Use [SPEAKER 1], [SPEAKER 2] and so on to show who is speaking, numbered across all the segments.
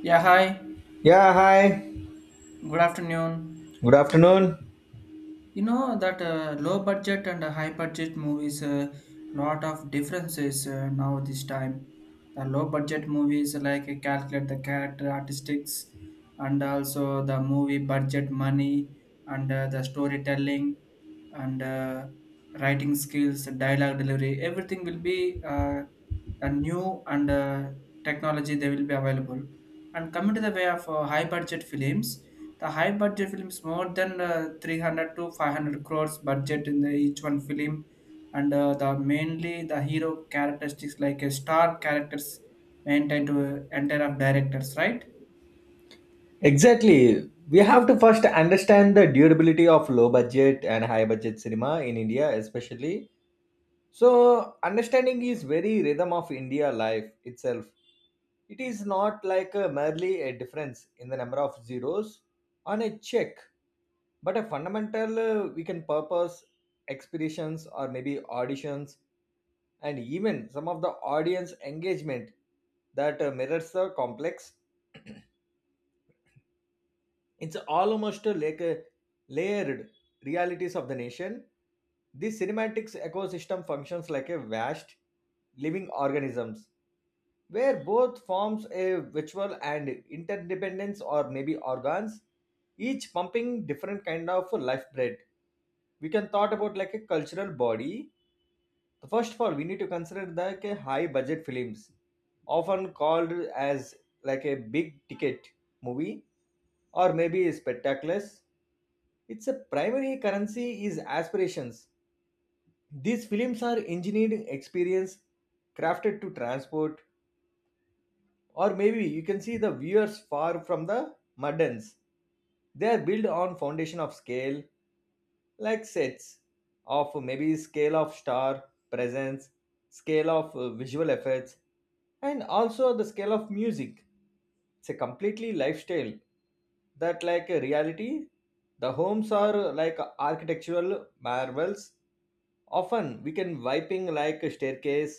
[SPEAKER 1] Yeah, hi.
[SPEAKER 2] Yeah, hi.
[SPEAKER 1] Good afternoon.
[SPEAKER 2] Good afternoon.
[SPEAKER 1] You know that low budget and high budget movies a lot of differences now this time. The low budget movies like calculate the character artistics and also the movie budget money and the storytelling and writing skills, dialogue delivery, everything will be the new and technology they will be available. And coming to the way of high budget films. The high budget films, more than 300 to 500 crores budget in the, each one film, and the mainly the hero characteristics like a star characters maintained to entire of directors, right?
[SPEAKER 2] Exactly. We have to first understand the durability of low budget and high budget cinema in India, especially. So, understanding is very rhythm of India life itself. It is not like a merely a difference in the number of zeros on a check, but a fundamental we can purpose expeditions or maybe auditions and even some of the audience engagement that mirrors the complex. It's almost like a layered realities of the nation. This cinematics ecosystem functions like a vast living organisms where both forms a virtual and interdependence or maybe organs, each pumping different kind of life bread. We can thought about like a cultural body. The first of all, we need to consider the like, a high budget films, often called as like a big ticket movie or maybe spectaculars, its a primary currency is aspirations. These films are engineered experience crafted to transport, or maybe you can see the viewers far from the muddens. They are built on foundation of scale, like sets of maybe scale of star presence, scale of visual effects and also the scale of music. It's a completely lifestyle that like a reality. The homes are like architectural marvels, often we can wiping like a staircase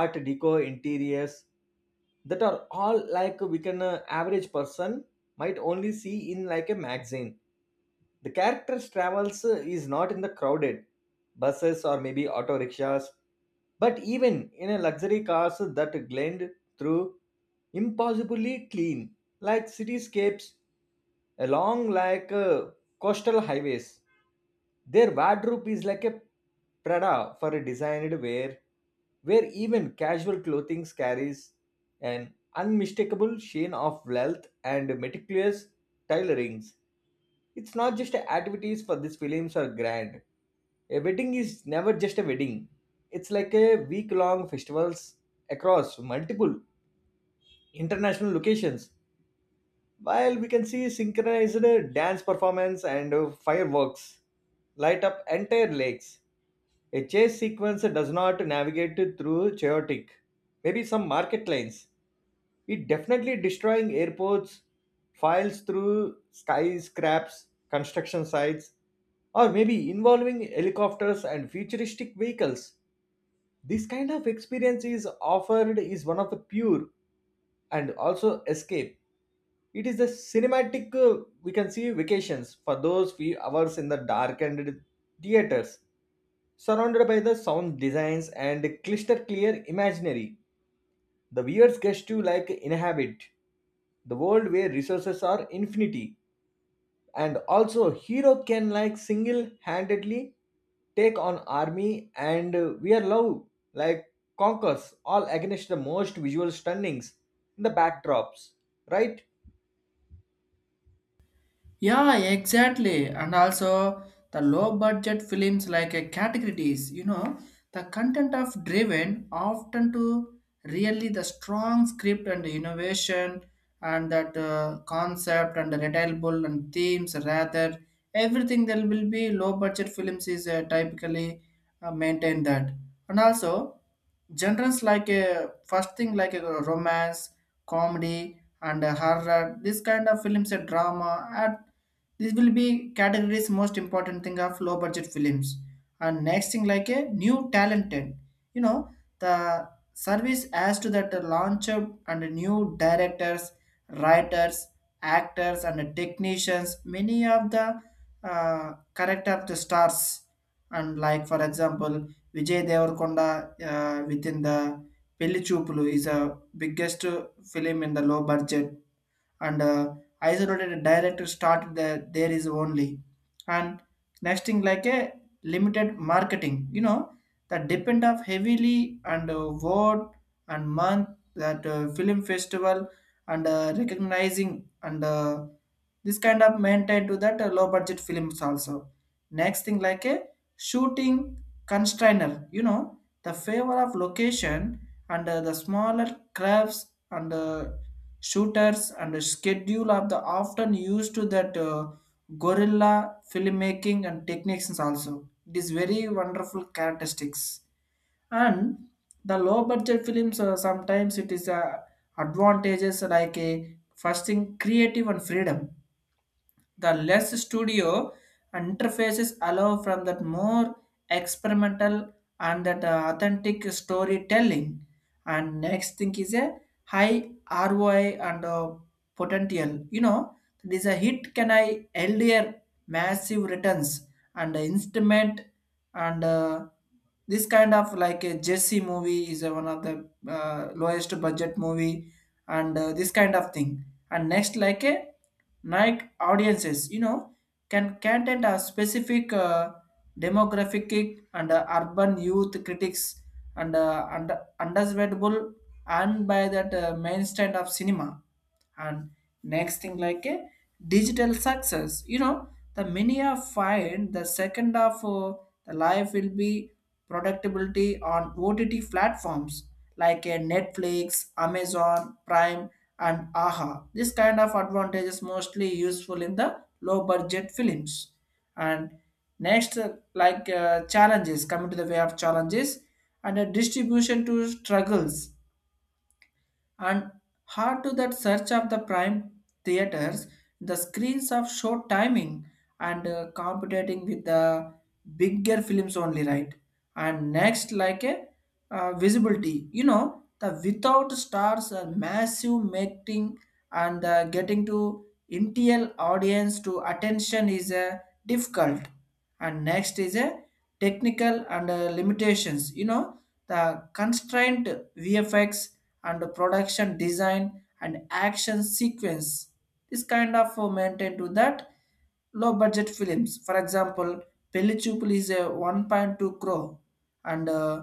[SPEAKER 2] art deco interiors that are all like we can, average person might only see in like a magazine. The character's travels is not in the crowded buses or maybe auto rickshaws, but even in a luxury cars that glend through impossibly clean, like cityscapes along like coastal highways. Their wardrobe is like a Prada for a designed wear, where even casual clothing carries an unmistakable sheen of wealth and meticulous tailorings. It's not just activities for these films are grand. A wedding is never just a wedding. It's like a week-long festivals across multiple international locations. While we can see synchronized dance performance and fireworks light up entire lakes. A chase sequence does not navigate through chaotic, maybe some market lanes, it definitely destroying airports, files through skyscrapes, construction sites, or maybe involving helicopters and futuristic vehicles. This kind of experience is offered is one of the pure and also escape. It is a cinematic, we can see vacations for those few hours in the darkened theaters, surrounded by the sound designs and crystal clear imaginary. The viewers gets to like inhabit the world where resources are infinity and also hero can like single-handedly take on army and we are love like conquers all against the most visual stunnings in the backdrops, right?
[SPEAKER 1] Yeah, exactly. And also the low budget films like a categories, you know, the content of driven often to really the strong script and innovation and that concept and the relatable and themes rather everything that will be low budget films is typically maintain that. And also genres like a first thing like a romance, comedy and horror this kind of films and drama and this will be categories most important thing of low budget films and next thing like a new talented, you know, the service as to that the launch of- and new directors, writers, actors and technicians many of the correct of the stars and like for example Vijay Devarkonda within the Pelli Choopulu is a biggest film in the low budget and isolated director started the, there is only and next thing like a limited marketing, you know, that depend of heavily and word and month that film festival and recognizing and this kind of maintained to that low budget films also next thing like a shooting constrainer, you know, the favor of location and the smaller crafts and shooters and the schedule of the often used to that guerrilla filmmaking and techniques is also it is very wonderful characteristics and the low budget films sometimes it is advantages like a first thing creative and freedom the less studio interfaces allow from that more experimental and that authentic storytelling and next thing is a high ROI and potential, you know, this a hit can I earlier massive returns and instrument and this kind of like a jesse movie is one of the lowest budget movie and this kind of thing and next like a like audiences, you know, can content a specific demographic and urban youth critics and under understandable and by that mainstream of cinema and next thing like a digital success, you know, the many are find the second of the life will be productivity on OTT platforms like a Netflix, Amazon Prime and Aha this kind of advantage is mostly useful in the low budget films and next challenges coming to the way of challenges and a distribution to struggles and hard to that search of the prime theaters the screens of short timing and competing with the bigger films only, right? And next like a visibility, you know, the without stars are massive making and getting to NTL audience to attention is difficult and next is a technical and limitations, you know, the constraint VFX and production design and action sequence. This kind of maintained to that low budget films. For example, Pellichupul is a 1.2 crore and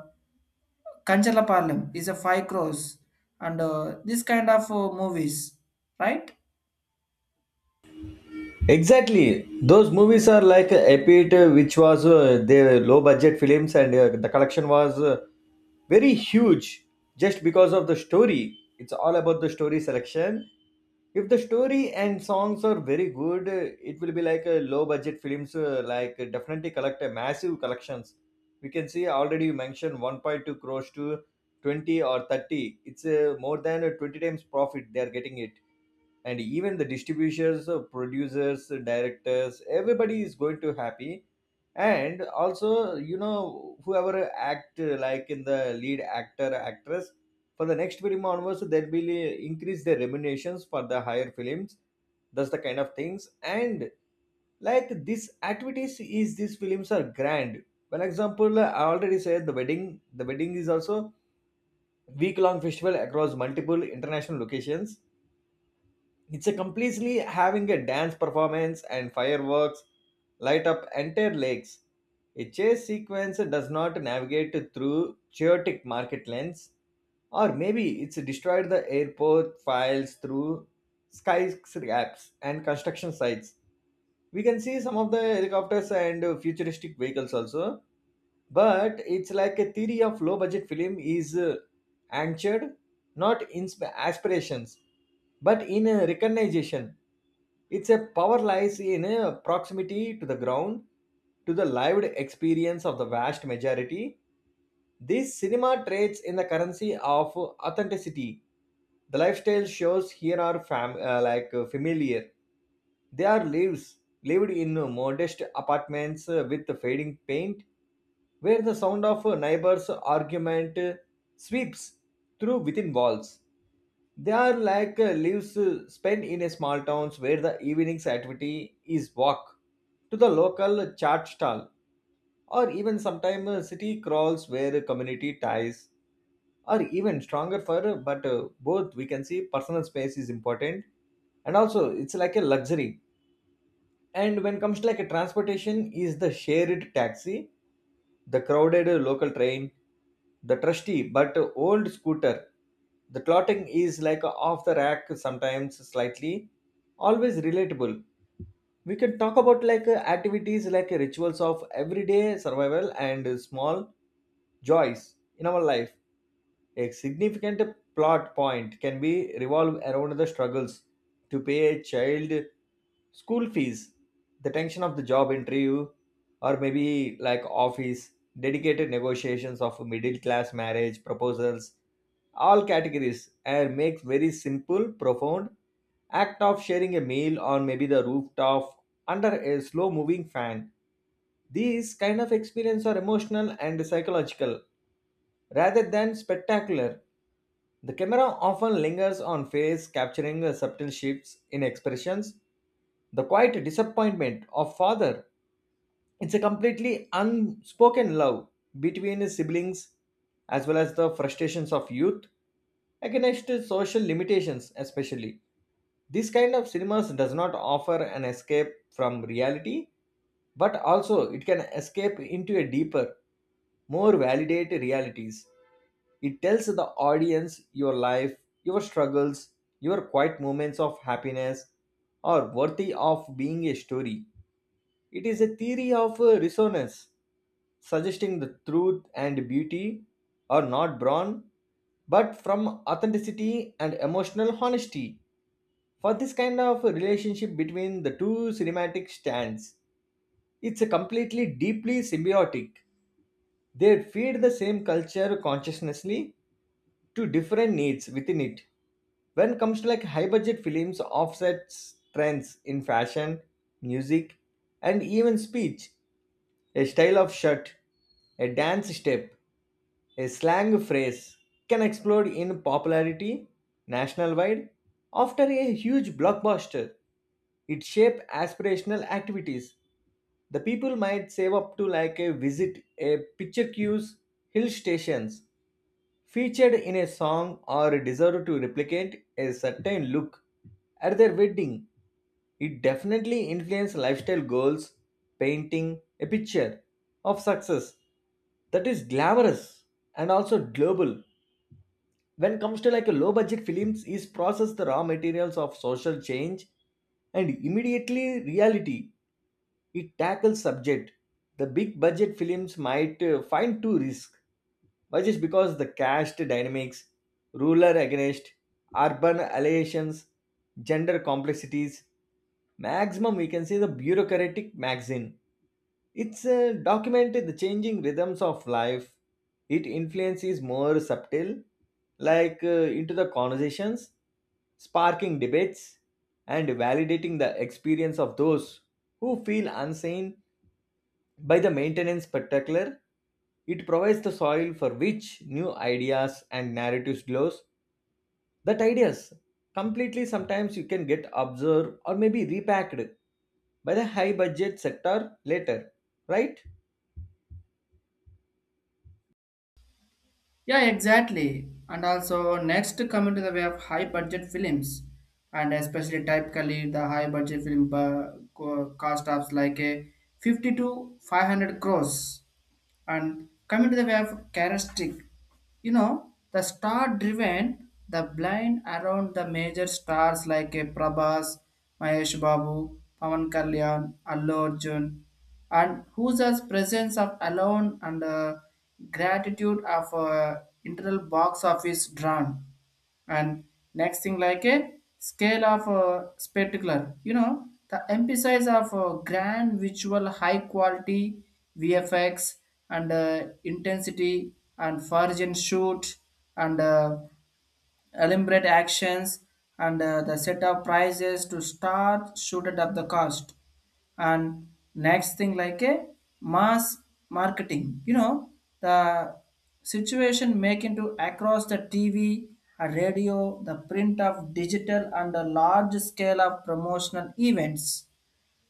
[SPEAKER 1] Kanchala Parlam is a 5 crores and this kind of movies, right?
[SPEAKER 2] Exactly, those movies are like epic which was the low budget films and the collection was very huge, just because of the story. It's all about the story selection. If the story and songs are very good, it will be like a low budget films like definitely collect a massive collections. We can see already you mentioned 1.2 crores to 20 or 30, it's more than 20 times profit they are getting it. And even the distributors, producers, directors, everybody is going to happy. And also, you know, whoever act like in the lead actor actress, for the next film onwards they'll be increase their remunerations for the higher films. That's the kind of things. And like this activities is, these films are grand. For example, I already said the wedding. The wedding is also week long festival across multiple international locations. It's a completely having a dance performance and fireworks light up entire lakes. A chase sequence does not navigate through chaotic market lanes, or maybe it's destroyed the airport files through skyscrapers and construction sites. We can see some of the helicopters and futuristic vehicles also, but it's like a theory of low budget film is anchored not in aspirations but in a recognition. It's a power lies in a proximity to the ground, to the lived experience of the vast majority. This cinema trades in the currency of authenticity. The lifestyle shows here are like familiar. They are lives lived in modest apartments with fading paint, where the sound of a neighbor's argument sweeps through within walls. They are like leaves spent in a small towns where the evening's activity is walk to the local chart stall, or even sometimes city crawls where community ties are even stronger for but both we can see personal space is important, and also it's like a luxury. And when comes to like a transportation is the shared taxi, the crowded local train, the trusty but old scooter. The clotting is like off the rack, sometimes slightly, always relatable. We can talk about like activities like rituals of everyday survival and small joys in our life. A significant plot point can be revolved around the struggles to pay a child school fees, the tension of the job interview, or maybe like office, dedicated negotiations of middle class marriage proposals, all categories, and makes very simple, profound act of sharing a meal on maybe the rooftop under a slow moving fan. These kind of experience are emotional and psychological rather than spectacular. The camera often lingers on face, capturing subtle shifts in expressions. The quiet disappointment of father. It's a completely unspoken love between his siblings, as well as the frustrations of youth against social limitations, especially. This kind of cinemas does not offer an escape from reality, but also it can escape into a deeper, more validate realities. It tells the audience your life, your struggles, your quiet moments of happiness are worthy of being a story. It is a theory of resonance, suggesting the truth and beauty are not born, but from authenticity and emotional honesty. For this kind of relationship between the two cinematic stands, it's a completely deeply symbiotic. They feed the same culture consciously to different needs within it. When it comes to like high budget films, offsets trends in fashion, music, and even speech. A style of shirt, a dance step, a slang phrase can explode in popularity national wide after a huge blockbuster. It shape aspirational activities. The people might save up to like a visit a picture queues, hill stations, featured in a song or deserved to replicate a certain look at their wedding. It definitely influenced lifestyle goals, painting a picture of success that is glamorous and also global. When it comes to like a low budget films is process the raw materials of social change and immediately reality, it tackles subject the big budget films might find too risk. Why? Just because the caste dynamics, ruler against urban alliations, gender complexities, maximum we can say the bureaucratic maxim. It's documented the changing rhythms of life. It influences more subtle, like into the conversations, sparking debates, and validating the experience of those who feel unseen by the maintenance particular. It provides the soil for which new ideas and narratives glows. That ideas completely sometimes you can get observed or maybe repacked by the high budget sector later, right?
[SPEAKER 1] Yeah, exactly. And also, next coming to the way of high budget films, and especially typically the high budget film cost of like a 50 to 500 crores. And coming to the way of characteristic, you know, the star driven, the blind around the major stars like a Prabhas, Mahesh Babu, Pavan Kalyan, Allu Arjun, and whose as presence of alone and gratitude of internal box office drawn and next thing like a scale of spectacular, you know, the emphasis of grand visual high quality VFX and intensity and forge and shoot and eliminate actions and the set of prices to start shoot up the cost and next thing like a mass marketing, you know, the situation making to across the TV, a radio the print of digital and a large scale of promotional events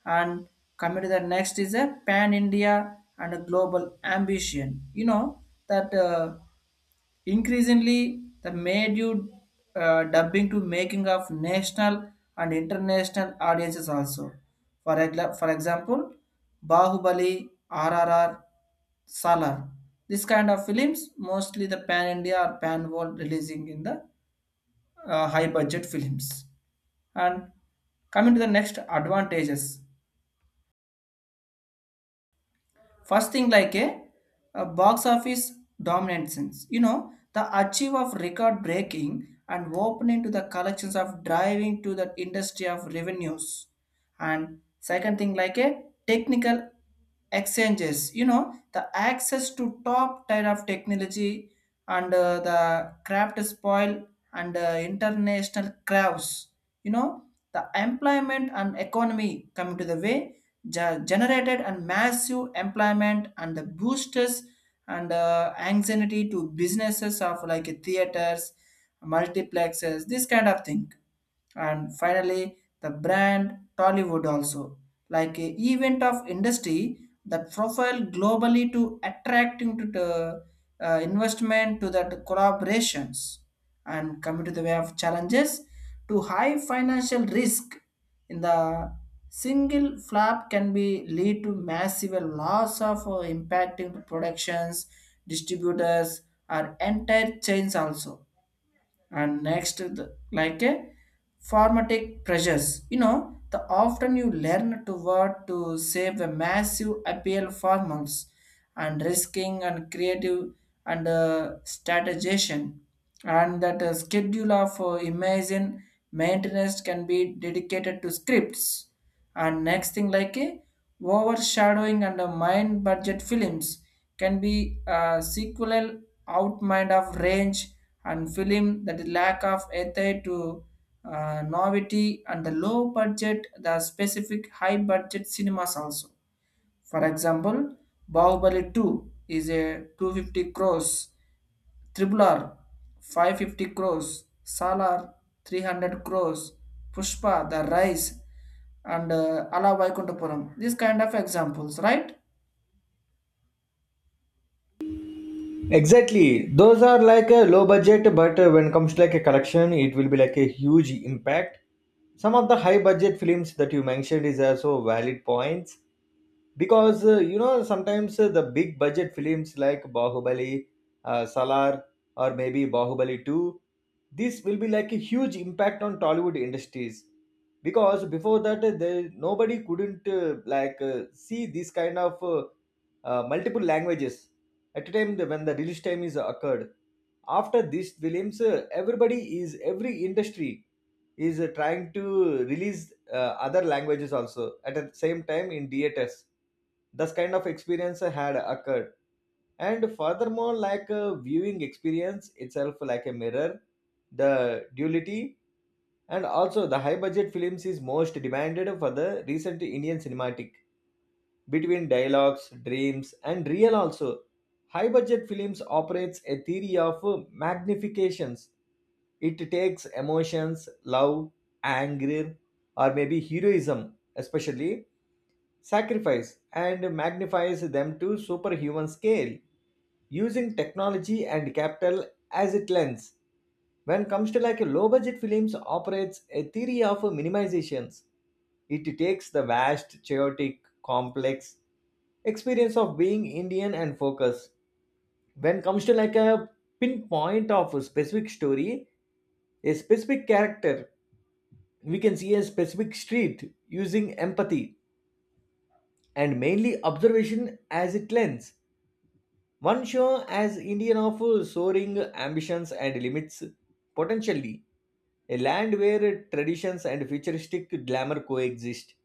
[SPEAKER 1] and coming to the next is a pan India and a global ambition, you know, that increasingly, the made you dubbing to making of national and international audiences also. For example, Bahubali, RRR, Salar. This kind of films, mostly the pan India or pan world releasing in the high budget films. And coming to the next advantages. First thing like a box office dominance, you know, the achieve of record breaking and opening to the collections of driving to the industry of revenues and second thing like a technical exchanges, you know, the access to top tier of technology and the craft spoil and international crafts, you know, the employment and economy coming to the way generated and massive employment and the boosters and anxiety to businesses of like theaters, multiplexes this kind of thing and finally the brand Tollywood also like a event of industry that profile globally to attracting to the investment to that collaborations and coming to the way of challenges to high financial risk in the single flap can be lead to massive loss of impacting productions, distributors or entire chains also and next the, like a formatic pressures, you know, the often you learn to work to save a massive appeal for and risking and creative and strategization and that schedule of imagine maintenance can be dedicated to scripts and next thing like a overshadowing and a mind budget films can be a sequel outmind of range and film that lack of ethic to novelty and the low budget the specific high budget cinemas also, for example, Bahubali 2 is a 250 crores, Triple R 550 crores, Salar 300 crores, Pushpa the Rise, and Ala Vaikuntapuram. These kind of examples, right?
[SPEAKER 2] Exactly. Those are like a low budget, but when comes to like a collection, it will be like a huge impact. Some of the high budget films that you mentioned is also valid points, because you know sometimes the big budget films like Bahubali, Salar, or maybe Bahubali 2, this will be like a huge impact on Tollywood industries, because before that there nobody couldn't like see this kind of multiple languages at a time when the release time is occurred. After this williams, everybody is every industry is trying to release other languages also at the same time in theaters. This kind of experience had occurred. And furthermore like a viewing experience itself like a mirror the duality, and also the high budget films is most demanded for the recent Indian cinematic between dialogues dreams and real also. High budget films operates a theory of magnifications. It takes emotions, love, anger, or maybe heroism, especially sacrifice, and magnifies them to superhuman scale using technology and capital as it lens. When comes to like low budget films operates a theory of minimizations, it takes the vast chaotic complex experience of being Indian and focus when comes to like a pinpoint of a specific story, a specific character, we can see a specific street using empathy and mainly observation as it lens. One show as Indian of soaring ambitions and limits, potentially a land where traditions and futuristic glamour coexist.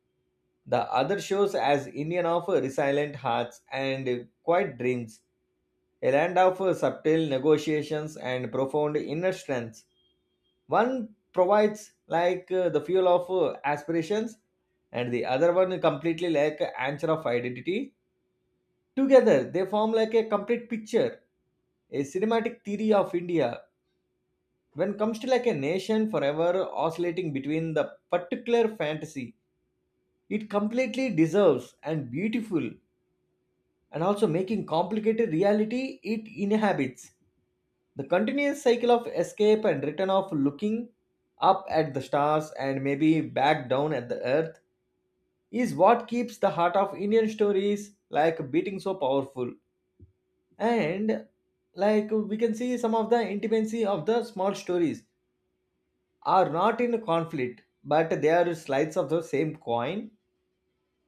[SPEAKER 2] The other shows as Indian of resilient hearts and quiet dreams, a land of subtle negotiations and profound inner strength. One provides like the fuel of aspirations, and the other one completely like an anchor of identity. Together, they form like a complete picture, a cinematic theory of India. When comes to like a nation forever oscillating between the particular fantasy, it completely deserves and beautiful, and also making complicated reality it inhabits. The continuous cycle of escape and return of looking up at the stars and maybe back down at the earth is what keeps the heart of Indian stories like beating so powerful. And like we can see some of the intimacy of the small stories are not in conflict but they are slides of the same coin,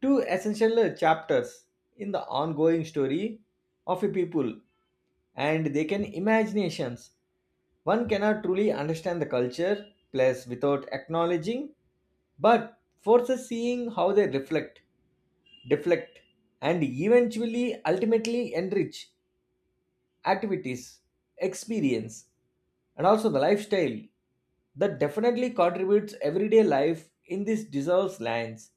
[SPEAKER 2] two essential chapters in the ongoing story of a people and they can imaginations. One cannot truly understand the culture place without acknowledging but forces seeing how they reflect, deflect, and eventually ultimately enrich activities, experience, and also the lifestyle that definitely contributes everyday life in these deserves lands.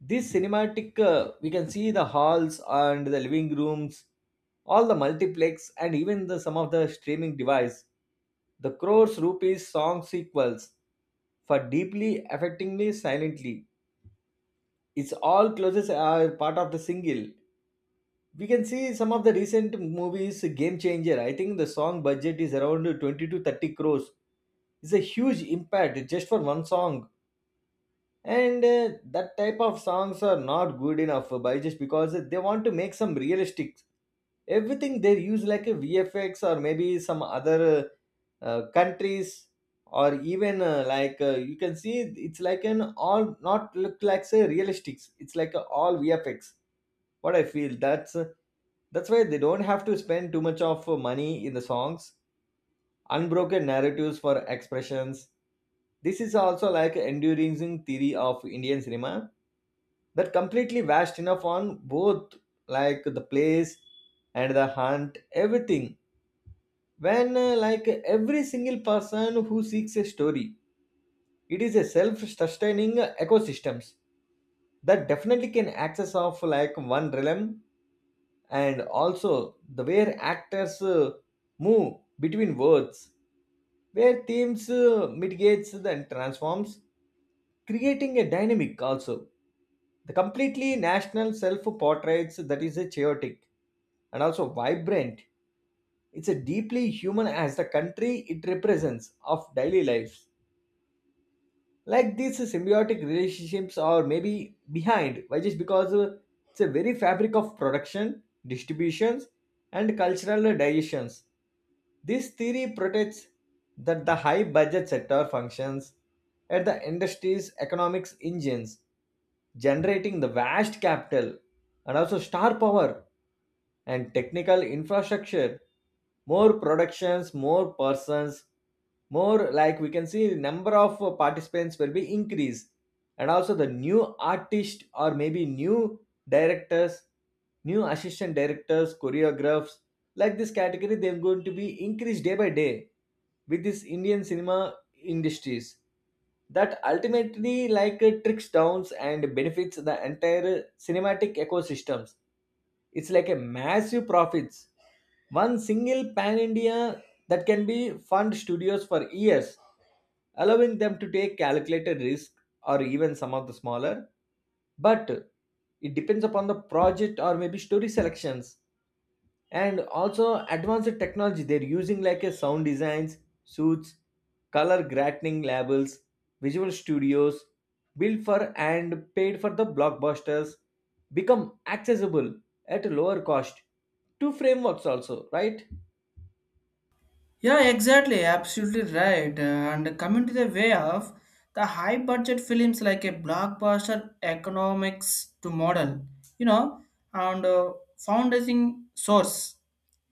[SPEAKER 2] This cinematic, we can see the halls and the living rooms, all the multiplex, and even the some of the streaming device. The crores rupees song sequels for deeply affectingly silently. It's all closes are part of the single. We can see some of the recent movies, Game Changer. I think the song budget is around 20 to 30 crores. It's a huge impact just for one song. And that type of songs are not good enough by just because they want to make some realistic. Everything they use like a VFX or maybe some other countries or even like you can see it's like an all not look like say realistics. It's like a all VFX what I feel that's why they don't have to spend too much of money in the songs. Unbroken narratives for expressions. This is also like enduring theory of Indian cinema that completely vast enough on both like the place and the hunt, everything. When like every single person who seeks a story, it is a self-sustaining ecosystems that definitely can access of like one realm and also the where actors move between words where themes mitigates and transforms, creating a dynamic also the completely national self portraits that is a chaotic and also vibrant. It's a deeply human as the country it represents of daily life like these symbiotic relationships are maybe behind why just because it's a very fabric of production distributions and cultural digestions. This theory protects that the high budget sector functions at the industry's economics engines, generating the vast capital and also star power and technical infrastructure, more productions more persons, more like we can see the number of participants will be increased and also the new artist or maybe new directors, new assistant directors choreographers, like this category they're going to be increased day by day with this Indian cinema industries that ultimately like tricks downs and benefits the entire cinematic ecosystems. It's like a massive profits, one single pan India that can be fund studios for years, allowing them to take calculated risk or even some of the smaller, but it depends upon the project or maybe story selections and also advanced technology they're using like a sound designs, suits, color grading labels, visual studios built for and paid for the blockbusters become accessible at a lower cost to frameworks also, right?
[SPEAKER 1] Yeah, exactly. Absolutely right. And coming to the way of the high budget films like a blockbuster economics to model, you know, and founding source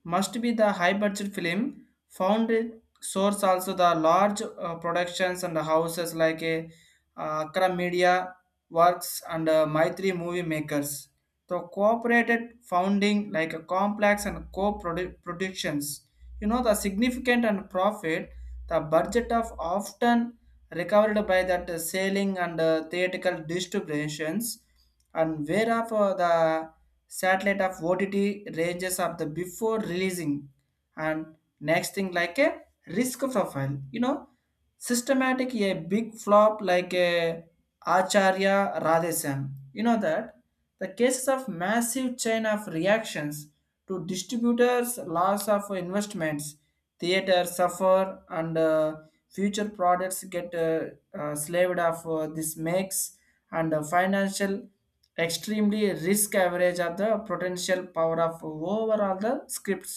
[SPEAKER 1] must be the high budget film. Founded source also the large productions and the houses like a Akra Media Works and Maitri Movie Makers. The cooperated founding like a complex and co-productions, you know, the significant and profit the budget of often recovered by that selling and theatrical distributions and whereof the satellite of OTT ranges of the before releasing and next thing like a risk profile, you know, systematic a big flop like a acharya radhesan, you know, that the cases of massive chain of reactions to distributors loss of investments theater suffer and future products get slaved off this makes and financial extremely risk average of the potential power of overall the scripts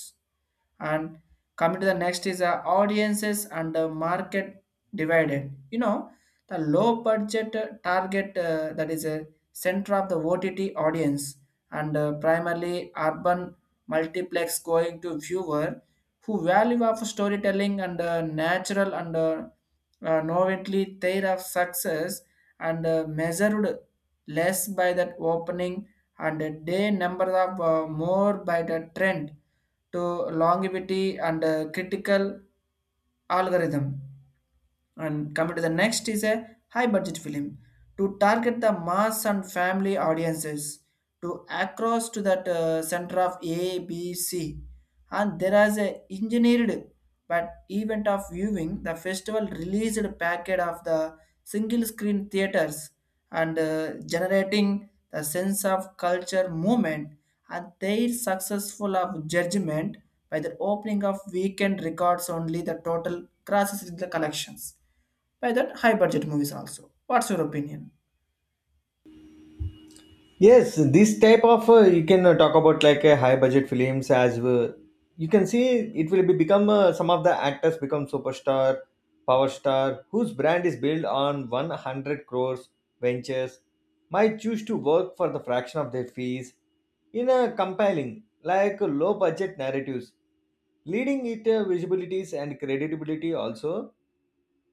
[SPEAKER 1] and coming to the next is audiences and the market divided, you know, the low budget target that is a center of the OTT audience and primarily urban multiplex going to viewer who value of storytelling and natural and novelty their of success and measured less by that opening and a day number of more by the trend to longevity and critical algorithm and coming to the next is a high budget film to target the mass and family audiences to across to that center of A, B, C. And there is a engineered but event of viewing the festival released packet of the single screen theaters and generating the sense of culture movement and their successful of judgment by the opening of weekend records only the total crosses in the collections by that high budget movies also. What's your opinion?
[SPEAKER 2] Yes, this type of you can talk about like high budget films as well. You can see it will be become some of the actors become superstar, power star whose brand is built on 100 crores ventures, might choose to work for the fraction of their fees in a compelling like low budget narratives, leading it visibilities and credibility also,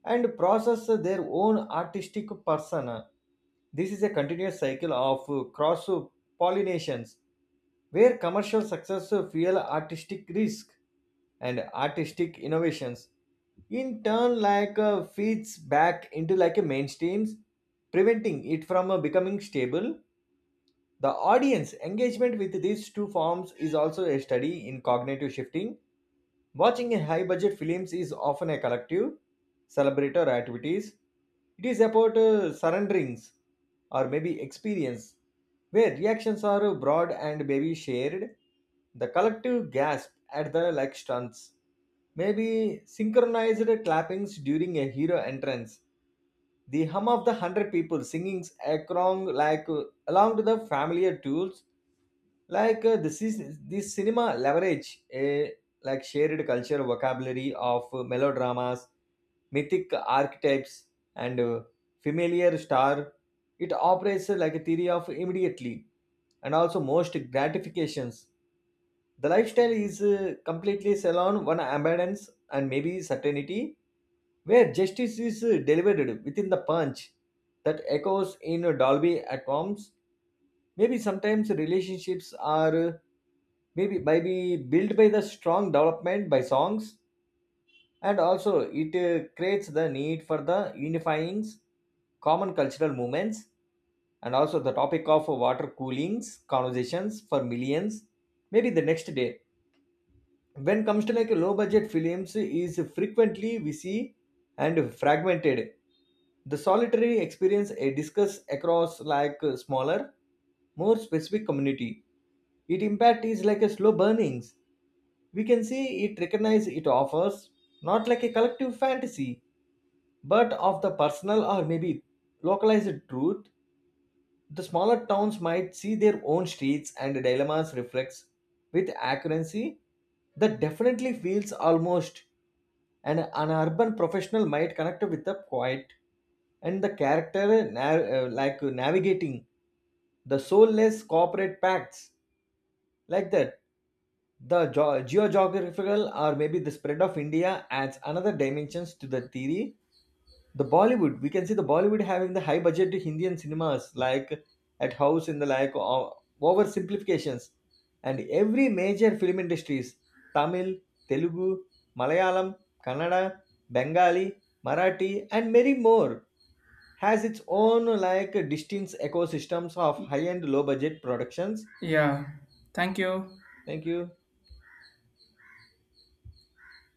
[SPEAKER 2] and process their own artistic persona. This is a continuous cycle of cross pollinations where commercial success fuel artistic risk and artistic innovations in turn like feeds back into like a mainstreams, preventing it from becoming stable. The audience engagement with these two forms is also a study in cognitive shifting. Watching a high budget films is often a collective celebratory activities. It is about surrenderings or maybe experience where reactions are broad and maybe shared. The collective gasp at the like stunts. Maybe synchronized clappings during a hero entrance. The hum of the hundred people singing along like along to the familiar tunes like this is this cinema leverage a like shared culture vocabulary of melodramas, mythic archetypes, and familiar star. It operates like a theory of immediately and also most gratifications. The lifestyle is completely salon one abundance and maybe certainty where justice is delivered within the punch that echoes in dolby atoms. Maybe sometimes relationships are maybe built by the strong development by songs, and also it creates the need for the unifying common cultural movements and also the topic of water coolings conversations for millions maybe the next day. When comes to like low budget films is frequently we see and fragmented, the solitary experience a discuss across like smaller more specific community. It impact is like a slow burnings. We can see it recognize it offers not like a collective fantasy but of the personal or maybe localized truth. The smaller towns might see their own streets and dilemmas reflects with accuracy that definitely feels almost, and an urban professional might connect with the quiet and the character like navigating the soulless corporate pacts like that. The geographical or maybe the spread of India adds another dimensions to the theory. The Bollywood, we can see the Bollywood having the high budget Indian cinemas like at house in the like oversimplifications and every major film industries, Tamil, Telugu, Malayalam, Kannada, Bengali, Marathi and many more, has its own like distinct ecosystems of high and low budget productions.
[SPEAKER 1] Yeah, thank you.
[SPEAKER 2] Thank you.